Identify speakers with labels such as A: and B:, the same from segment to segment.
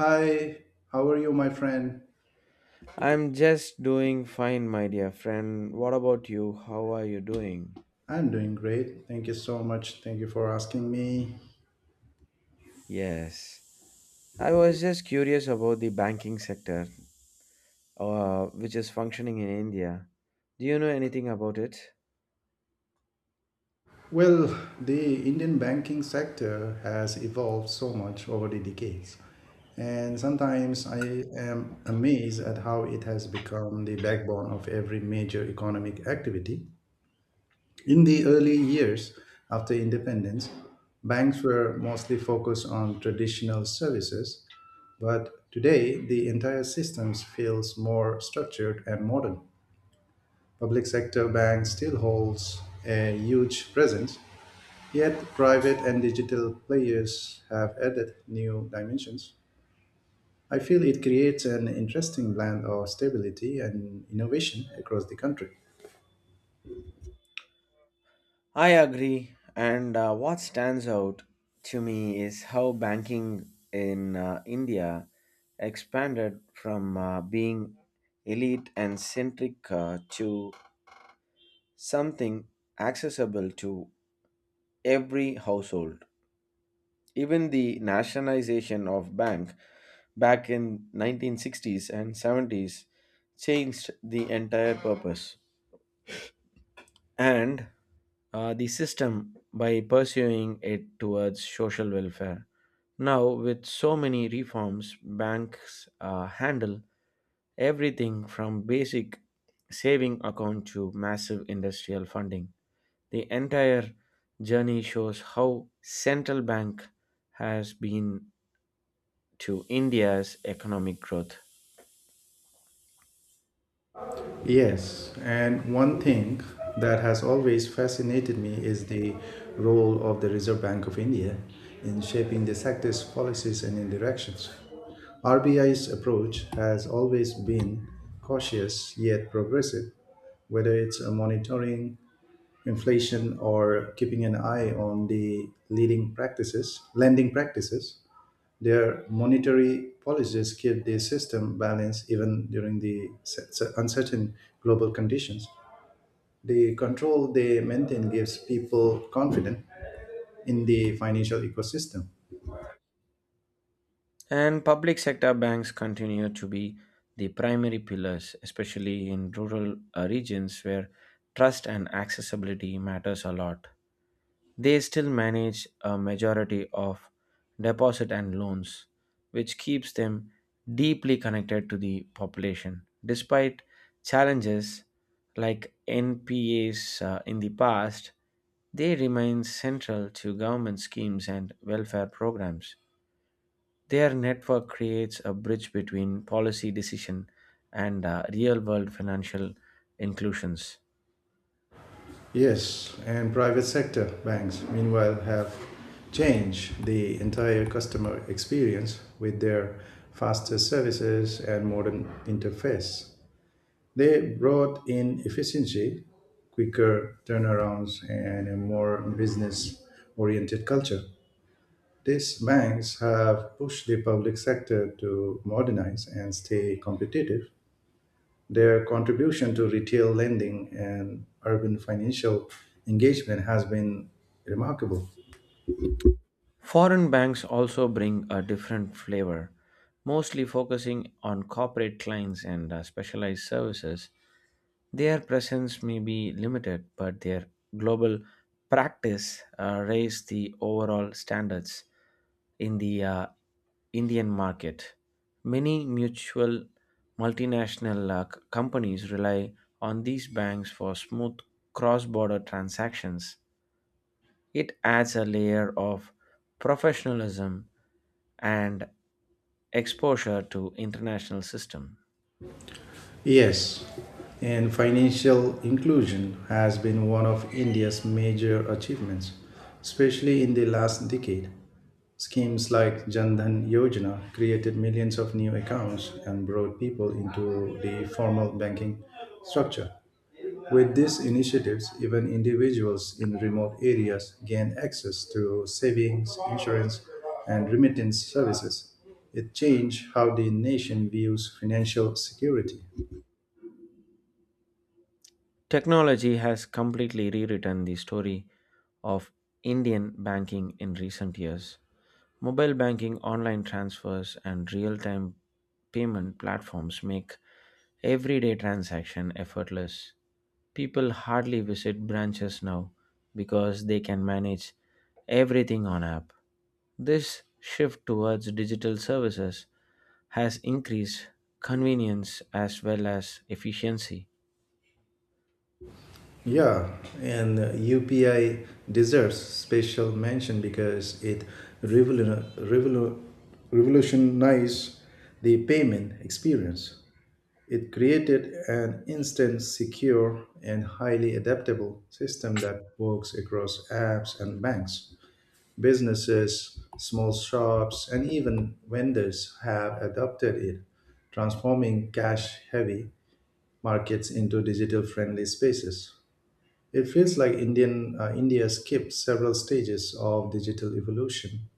A: Hi, how are you, my friend?
B: I'm just doing fine, my dear friend. What about you? How are you doing?
A: I'm doing great. Thank you so much. Thank you for asking me.
B: Yes. I was just curious about the banking sector, which is functioning in India. Do you know anything about it?
A: Well, the Indian banking sector has evolved so much over the decades. And sometimes I am amazed at how it has become the backbone of every major economic activity. In the early years after independence, banks were mostly focused on traditional services. But today, the entire system feels more structured and modern. Public sector banks still holds a huge presence, yet private and digital players have added new dimensions. I feel it creates an interesting blend of stability and innovation across the country.
B: I agree. And what stands out to me is how banking in India expanded from being elite and centric to something accessible to every household. Even the nationalization of bank back in 1960s and 70s changed the entire purpose and the system by pursuing it towards social welfare. Now, with so many reforms, banks handle everything from basic saving account to massive industrial funding. The entire journey shows how central bank has been to India's economic growth.
A: Yes, and one thing that has always fascinated me is the role of the Reserve Bank of India in shaping the sector's policies and directions. RBI's approach has always been cautious yet progressive, whether it's monitoring inflation or keeping an eye on the leading practices, lending practices. Their monetary policies keep the system balanced even during the uncertain global conditions. The control they maintain gives people confidence in the financial ecosystem.
B: And public sector banks continue to be the primary pillars, especially in rural regions where trust and accessibility matters a lot. They still manage a majority of deposit and loans, which keeps them deeply connected to the population. Despite challenges like NPAs in the past, they remain central to government schemes and welfare programs. Their network creates a bridge between policy decision and real world financial inclusions.
A: Yes, and private sector banks, meanwhile, have changed the entire customer experience with their faster services and modern interface. They brought in efficiency, quicker turnarounds, and a more business oriented culture. These banks have pushed the public sector to modernize and stay competitive. Their contribution to retail lending and urban financial engagement has been remarkable.
B: Foreign banks also bring a different flavor, mostly focusing on corporate clients and specialized services. Their presence may be limited, but their global practice raise the overall standards in the Indian market. Many mutual multinational companies rely on these banks for smooth cross border transactions it adds a layer of professionalism and exposure to international system.
A: Yes, and financial inclusion has been one of India's major achievements, especially in the last decade. Schemes like Jan Dhan Yojana created millions of new accounts and brought people into the formal banking structure. With these initiatives, even individuals in remote areas gain access to savings, insurance, and remittance services. It changed how the nation views financial security.
B: Technology has completely rewritten the story of Indian banking in recent years. Mobile banking, online transfers, and real time payment platforms make everyday transaction effortless. People hardly visit branches now because they can manage everything on app. This shift towards digital services has increased convenience as well as efficiency.
A: Yeah, and UPI deserves special mention because it revolu- revolu- revolutionized the payment experience. It created an instant, secure, and highly adaptable system that works across apps and banks. Businesses, small shops, and even vendors have adopted it, transforming cash heavy markets into digital friendly spaces. It feels like India skipped several stages of digital evolution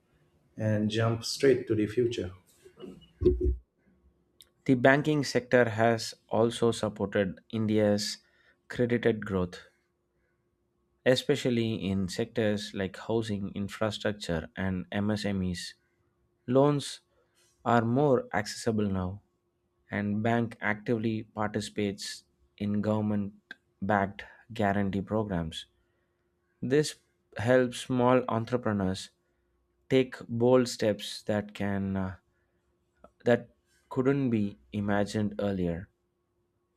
A: and jumped straight to the future.
B: The banking sector has also supported India's credited growth, especially in sectors like housing, infrastructure, and MSMEs. Loans are more accessible now, and bank actively participates in government backed guarantee programs. This helps small entrepreneurs take bold steps that couldn't be imagined earlier.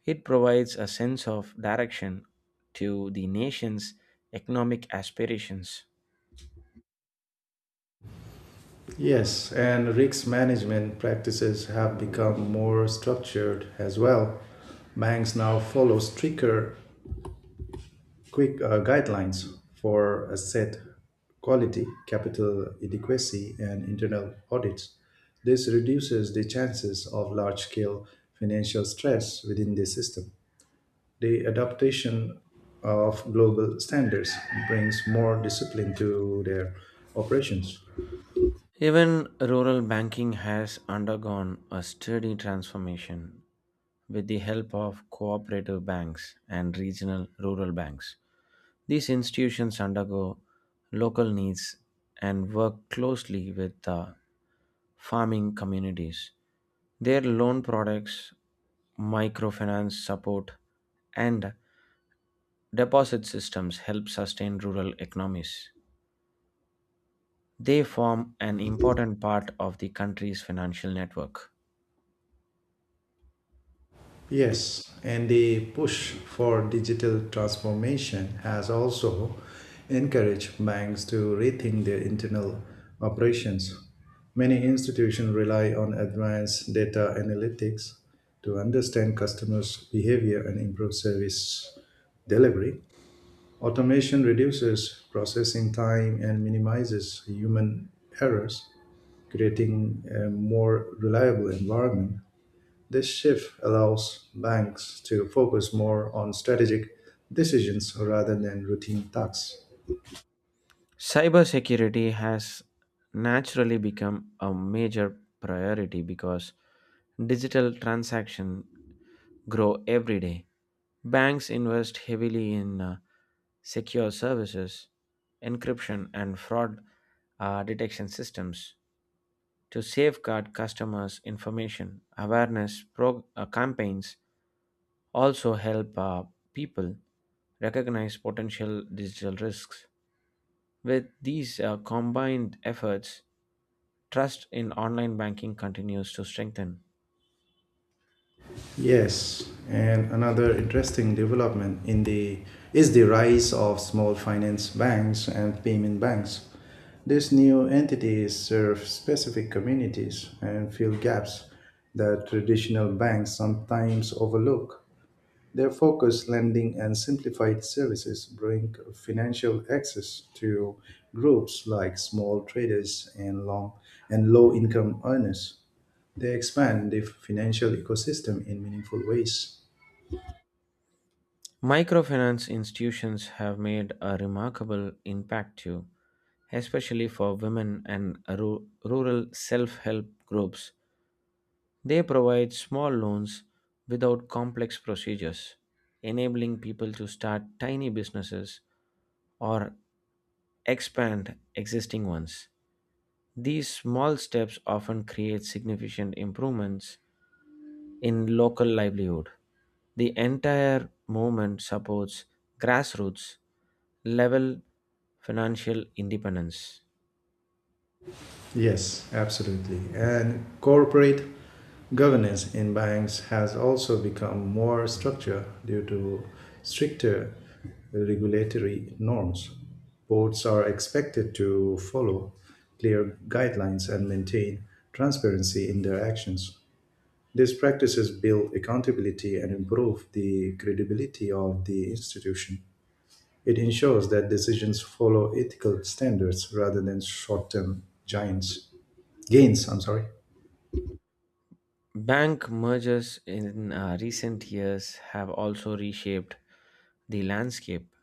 B: It provides a sense of direction to the nation's economic aspirations.
A: Yes, and risk management practices have become more structured as well. Banks now follow stricter, quick guidelines for asset quality, capital adequacy, and internal audits. This reduces the chances of large scale financial stress within the system. The adaptation of global standards brings more discipline to their operations.
B: Even rural banking has undergone a steady transformation with the help of cooperative banks and regional rural banks. These institutions undergo local needs and work closely with the farming communities. Their loan products, microfinance support, and deposit systems help sustain rural economies. They form an important part of the country's financial network.
A: Yes, and the push for digital transformation has also encouraged banks to rethink their internal operations. Many institutions rely on advanced data analytics to understand customers' behavior and improve service delivery. Automation reduces processing time and minimizes human errors, creating a more reliable environment. This shift allows banks to focus more on strategic decisions rather than routine tasks.
B: Cybersecurity has naturally become a major priority because digital transactions grow every day. Banks invest heavily in secure services, encryption, and fraud detection systems to safeguard customers' information. Campaigns also help people recognize potential digital risks. With these combined efforts, trust in online banking continues to strengthen.
A: Yes, and another interesting development in the is the rise of small finance banks and payment banks. These new entities serve specific communities and fill gaps that traditional banks sometimes overlook. Their focus lending and simplified services bring financial access to groups like small traders and long and low income earners they expand the financial ecosystem in meaningful ways.
B: Microfinance institutions have made a remarkable impact too, especially for women and rural self help groups. They provide small loans without complex procedures, enabling people to start tiny businesses or expand existing ones. These small steps often create significant improvements in local livelihood. The entire movement supports grassroots level financial independence.
A: Yes, absolutely. And corporate governance in banks has also become more structured due to stricter regulatory norms. Boards are expected to follow clear guidelines and maintain transparency in their actions. These practices build accountability and improve the credibility of the institution. It ensures that decisions follow ethical standards rather than short-term giants gains. I'm sorry.
B: Bank mergers in recent years have also reshaped the landscape.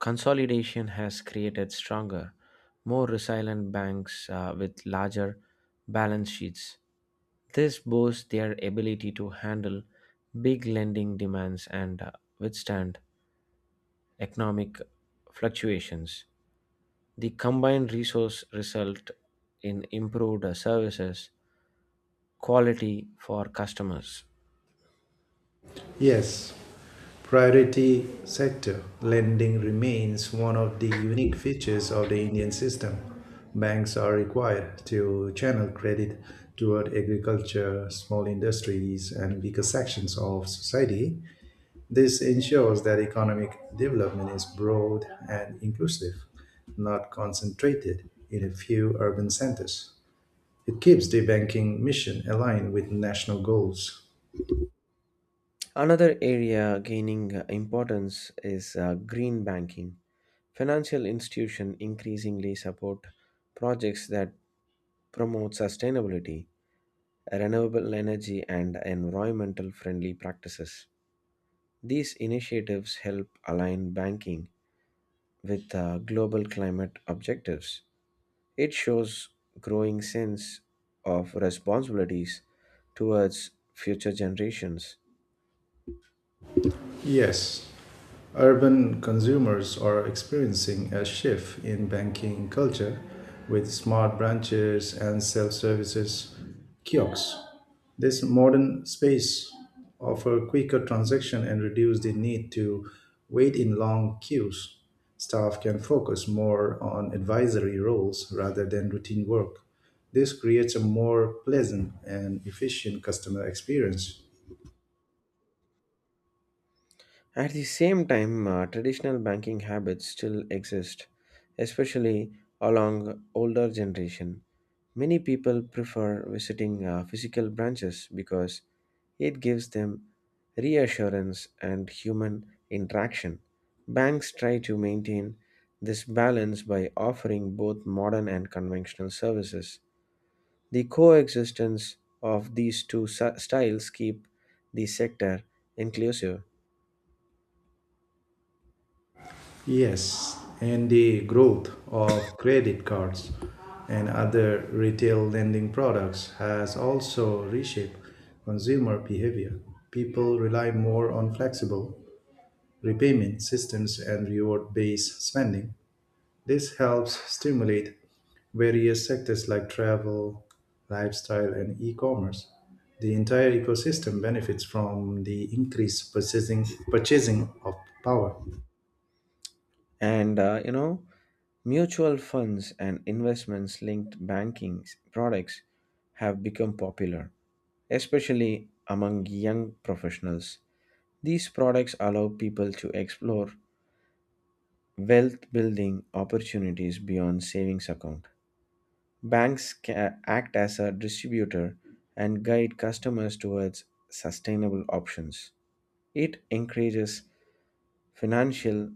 B: Consolidation has created stronger, more resilient banks with larger balance sheets. This boosts their ability to handle big lending demands and withstand economic fluctuations. The combined resource result in improved services quality for customers.
A: Yes, priority sector lending remains one of the unique features of the Indian system. Banks are required to channel credit toward agriculture, small industries, and weaker sections of society. This ensures that economic development is broad and inclusive, not concentrated in a few urban centers. It keeps the banking mission aligned with national goals.
B: Another area gaining importance is green banking. Financial institutions increasingly support projects that promote sustainability, renewable energy, and environmental friendly practices. These initiatives help align banking with global climate objectives. It shows growing sense of responsibilities towards future generations.
A: Yes, urban consumers are experiencing a shift in banking culture with smart branches and self services kiosks. This modern space offers quicker transaction and reduce the need to wait in long queues. Staff can focus more on advisory roles rather than routine work. This creates a more pleasant and efficient customer experience.
B: At the same time, traditional banking habits still exist, especially along older generation. Many people prefer visiting physical branches because it gives them reassurance and human interaction. Banks try to maintain this balance by offering both modern and conventional services. The coexistence of these two styles keep the sector inclusive,
A: Yes, and the growth of credit cards and other retail lending products has also reshaped consumer behavior. People rely more on flexible repayment systems and reward based spending. This helps stimulate various sectors like travel, lifestyle, and e commerce. The entire ecosystem benefits from the increased purchasing of power.
B: and mutual funds and investments linked banking products have become popular, especially among young professionals. These products allow people to explore wealth building opportunities beyond savings account. Act as a distributor and guide customers towards sustainable options. It encourages financial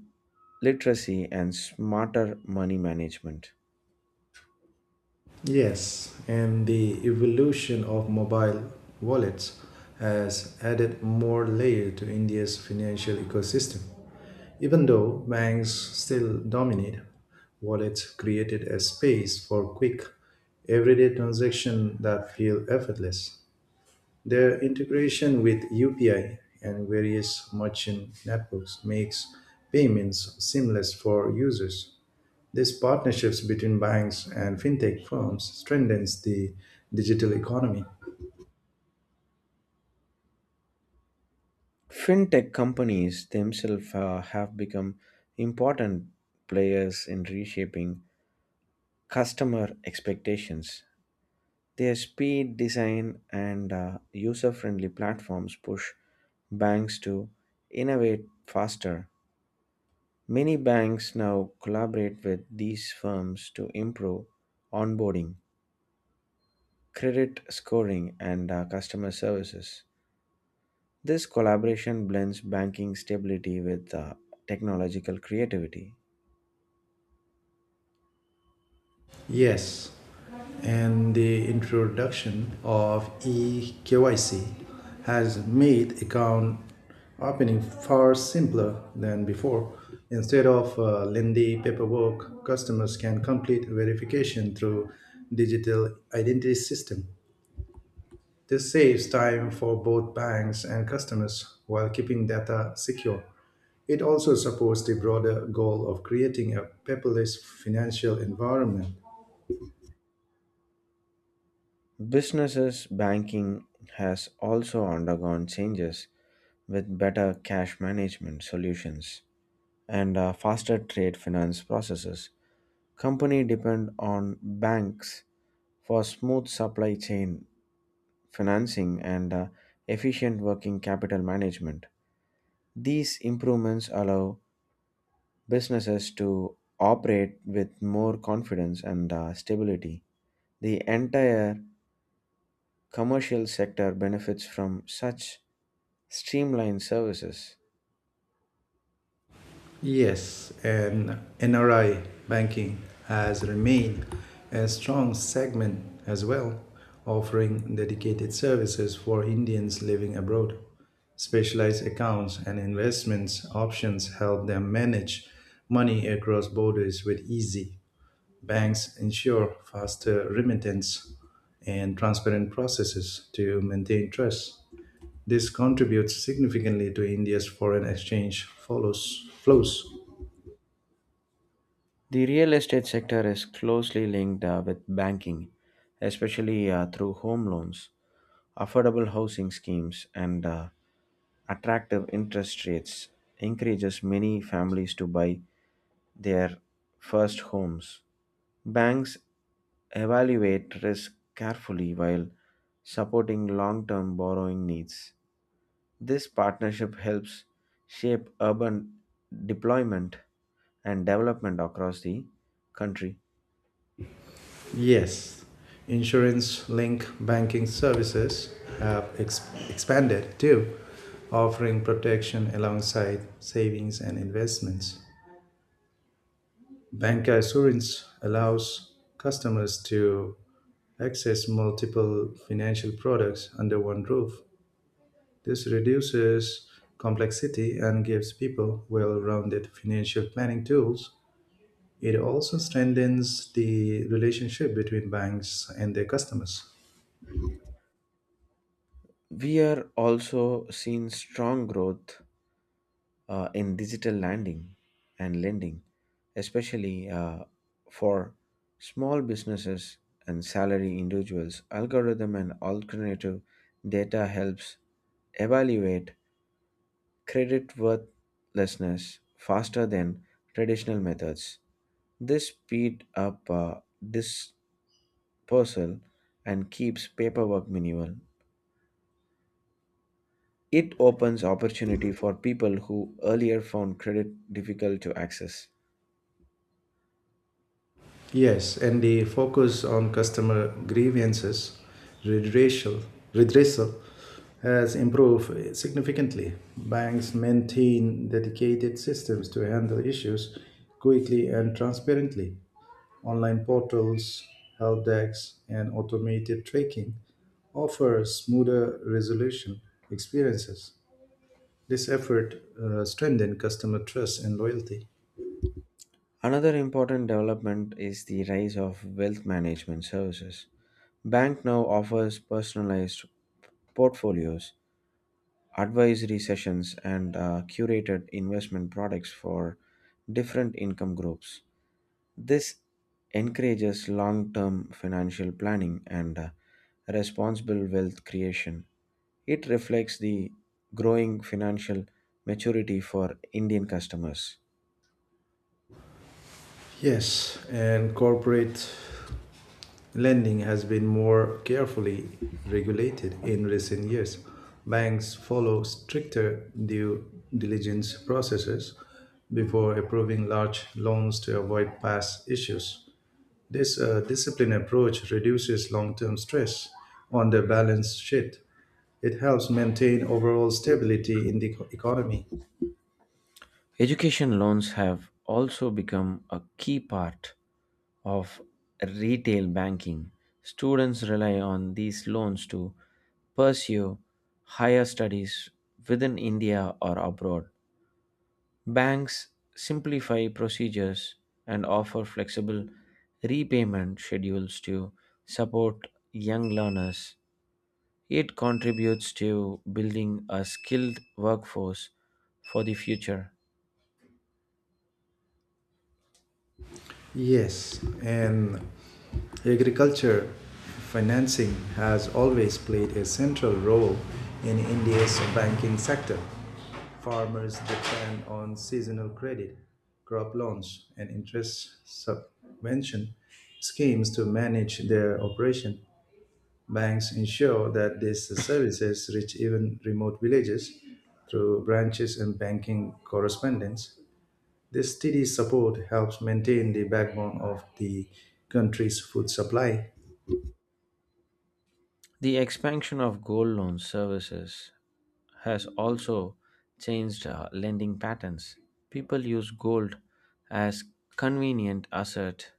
B: literacy and smarter money management.
A: Yes, and the evolution of mobile wallets has added more layer to India's financial ecosystem. Even though banks still dominate, wallets created a space for quick, everyday transactions that feel effortless. Their integration with UPI and various merchant networks makes payments seamless for users. These partnerships between banks and fintech firms strengthens the digital economy.
B: Fintech companies themselves have become important players in reshaping customer expectations. Their speed, design, and user friendly platforms push banks to innovate faster. Many banks now collaborate with these firms to improve onboarding credit scoring, and customer services. This collaboration blends banking stability with technological creativity.
A: Yes, and the introduction of eKYC has made account opening far simpler than before. Instead of lengthy paperwork, customers can complete verification through digital identity system. This saves time for both banks and customers while keeping data secure. It also supports the broader goal of creating a paperless financial environment.
B: Businesses banking has also undergone changes with better cash management solutions and faster trade finance processes. Company depend on banks for smooth supply chain financing and efficient working capital management. These improvements allow businesses to operate with more confidence and stability. The entire commercial sector benefits from such streamlined services.
A: Yes, and NRI banking has remained a strong segment as well, offering dedicated services for Indians living abroad. Specialized accounts and investments options help them manage money across borders with ease. Banks ensure faster remittance and transparent processes to maintain trust. This contributes significantly to India's foreign exchange flows.
B: The real estate sector is closely linked with banking, especially through home loans, affordable housing schemes, and attractive interest rates encourages many families to buy their first homes. Banks evaluate risk carefully while supporting long-term borrowing needs. This partnership helps shape urban deployment and development across the country.
A: Yes, insurance linked banking services have expanded too, offering protection alongside savings and investments. Bank assurance allows customers to access multiple financial products under one roof. This reduces complexity and gives people well rounded financial planning tools. It also strengthens the relationship between banks and their customers.
B: We are also seeing strong growth in digital lending and lending, especially for small businesses and salary individuals. Algorithm and alternative data helps evaluate credit worthlessness faster than traditional methods. This speed up dispersal and keeps paperwork minimal. It opens opportunity for people who earlier found credit difficult to access.
A: Yes, and the focus on customer grievances, redressal, redressal has improved significantly. Banks maintain dedicated systems to handle issues quickly and transparently. Online portals, help decks, and automated tracking offer smoother resolution experiences. This effort strengthens customer trust and loyalty.
B: Another important development is the rise of wealth management services. Bank now offers personalized portfolios, advisory sessions, and curated investment products for different income groups. This encourages long term financial planning and responsible wealth creation. It reflects the growing financial maturity for Indian customers.
A: Yes, and corporate lending has been more carefully regulated in recent years. Banks follow stricter due diligence processes before approving large loans to avoid past issues. This disciplined approach reduces long term stress on the balance sheet. It helps maintain overall stability in the economy.
B: Education loans have also become a key part of retail banking. Students rely on these loans to pursue higher studies within India or abroad. Banks simplify procedures and offer flexible repayment schedules to support young learners. It contributes to building a skilled workforce for the future.
A: Yes, and agriculture financing has always played a central role in India's banking sector. Farmers depend on seasonal credit, crop loans, and interest subvention schemes to manage their operation. Banks ensure that these services reach even remote villages through branches and banking correspondents. This steady support helps maintain the backbone of the country's food supply.
B: The expansion of gold loan services has also changed lending patterns. People use gold as convenient asset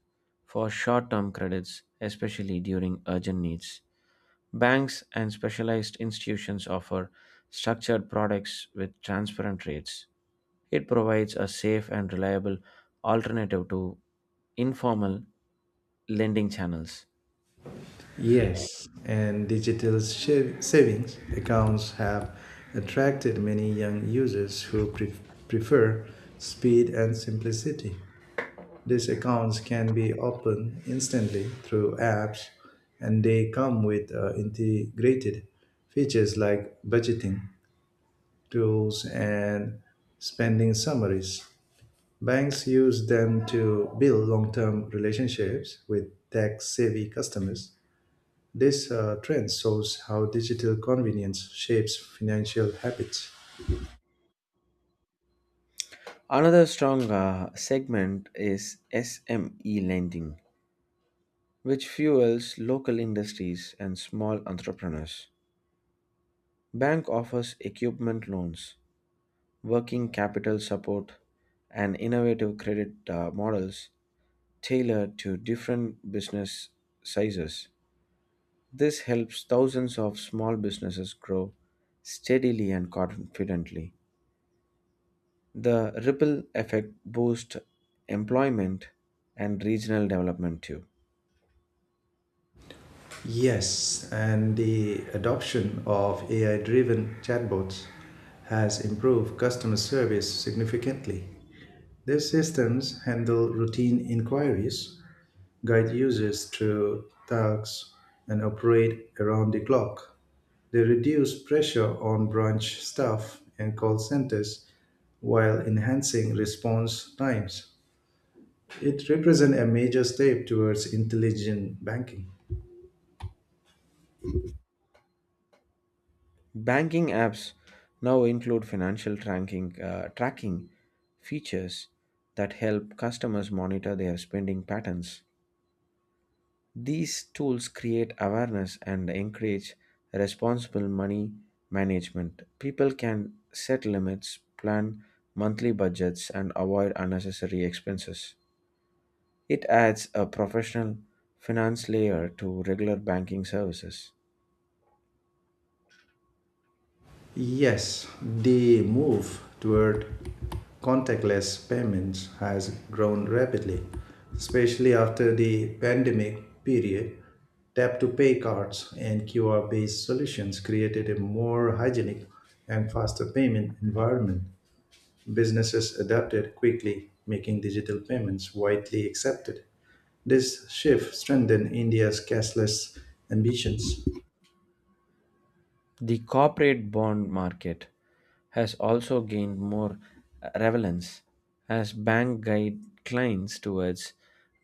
B: for short-term credits, especially during urgent needs. Banks and specialized institutions offer structured products with transparent rates. It provides a safe and reliable alternative to informal lending channels.
A: Yes, and digital savings accounts have attracted many young users who prefer speed and simplicity. These accounts can be opened instantly through apps, and they come with integrated features like budgeting tools and spending summaries. Banks use them to build long term relationships with tech savvy customers. This trend shows how digital convenience shapes financial habits.
B: Another strong segment is SME lending, which fuels local industries and small entrepreneurs. Bank offers equipment loans, working capital support, and innovative credit models tailored to different business sizes. This helps thousands of small businesses grow steadily and confidently. The ripple effect boosts employment and regional development too.
A: Yes, and the adoption of AI driven chatbots has improved customer service significantly. These systems handle routine inquiries, guide users through tasks, and operate around the clock. They reduce pressure on branch staff and call centers while enhancing response times. It represents a major step towards intelligent banking.
B: Banking apps now include financial tracking features that help customers monitor their spending patterns. These tools create awareness and encourage responsible money management. People can set limits, plan monthly budgets, and avoid unnecessary expenses. It adds a professional finance layer to regular banking services.
A: Yes, the move toward contactless payments has grown rapidly, especially after the pandemic period. Tap to pay cards and QR based solutions created a more hygienic and faster payment environment. Businesses adapted quickly, making digital payments widely accepted. This shift strengthened India's cashless ambitions.
B: The corporate bond market has also gained more relevance as banks guide clients towards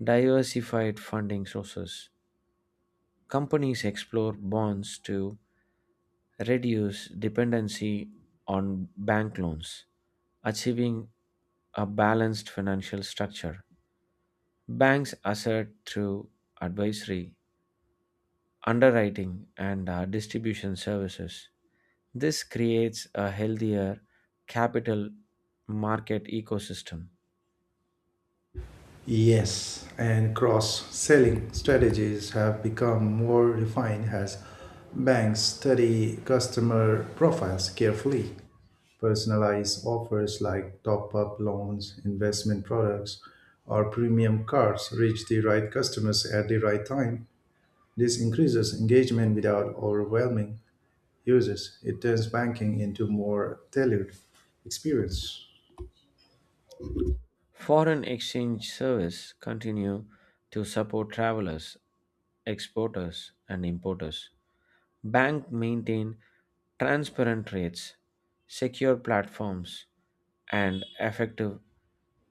B: diversified funding sources. Companies explore bonds to reduce dependency on bank loans, achieving a balanced financial structure. Banks assert through advisory, underwriting, and distribution services. This creates a healthier capital market ecosystem.
A: Yes, and cross selling strategies have become more refined as banks study customer profiles carefully. Personalized offers like top up loans, investment products, or premium cards reach the right customers at the right time. This increases engagement without overwhelming users. It turns banking into more tailored experience.
B: Foreign exchange service continue to support travelers, exporters and importers. Bank maintain transparent rates, secure platforms and effective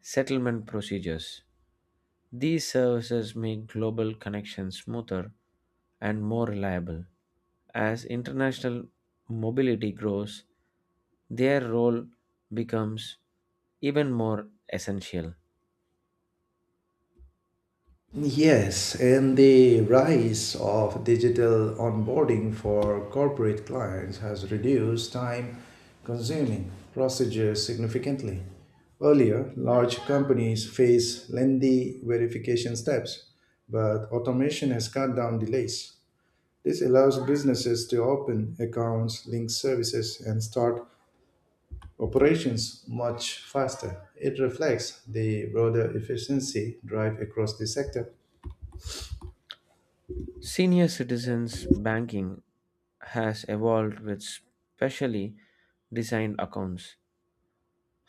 B: settlement procedures. These services make global connections smoother and more reliable. As international mobility grows, their role becomes even more essential.
A: Yes, and the rise of digital onboarding for corporate clients has reduced time consuming procedures significantly. Earlier, large companies faced lengthy verification steps, but automation has cut down delays. This allows businesses to open accounts, link services, and start operations much faster. It reflects the broader efficiency drive across the sector.
B: Senior citizens banking has evolved with specially designed accounts,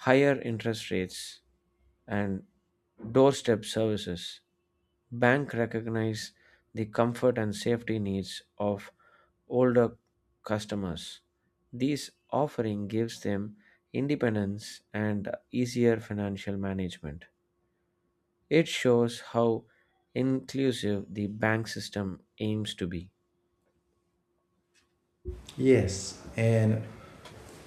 B: higher interest rates, and doorstep services. Bank recognize the comfort and safety needs of older customers. This offering gives them independence and easier financial management. It shows how inclusive the bank system aims to be.
A: Yes, and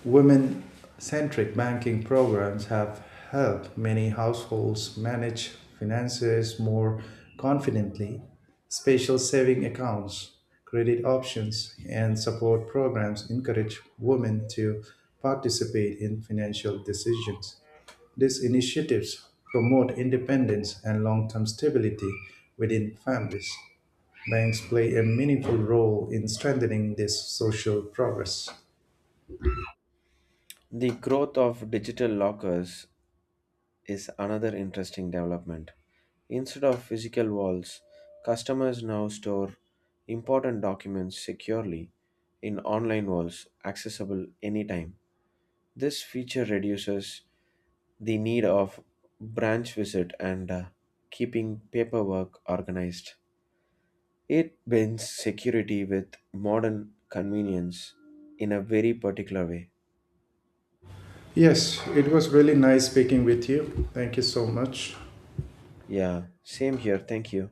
A: women centric banking programs have helped many households manage finances more confidently. Special saving accounts, credit options, and support programs encourage women to participate in financial decisions. These initiatives promote independence and long term stability within families. Banks play a meaningful role in strengthening this social progress.
B: The growth of digital lockers is another interesting development. Instead of physical walls, customers now store important documents securely in online walls accessible anytime. This feature reduces the need of branch visit and keeping paperwork organized. It blends security with modern convenience in a very particular way.
A: Yes, it was really nice speaking with you. Thank you so much.
B: Yeah, same here. Thank you.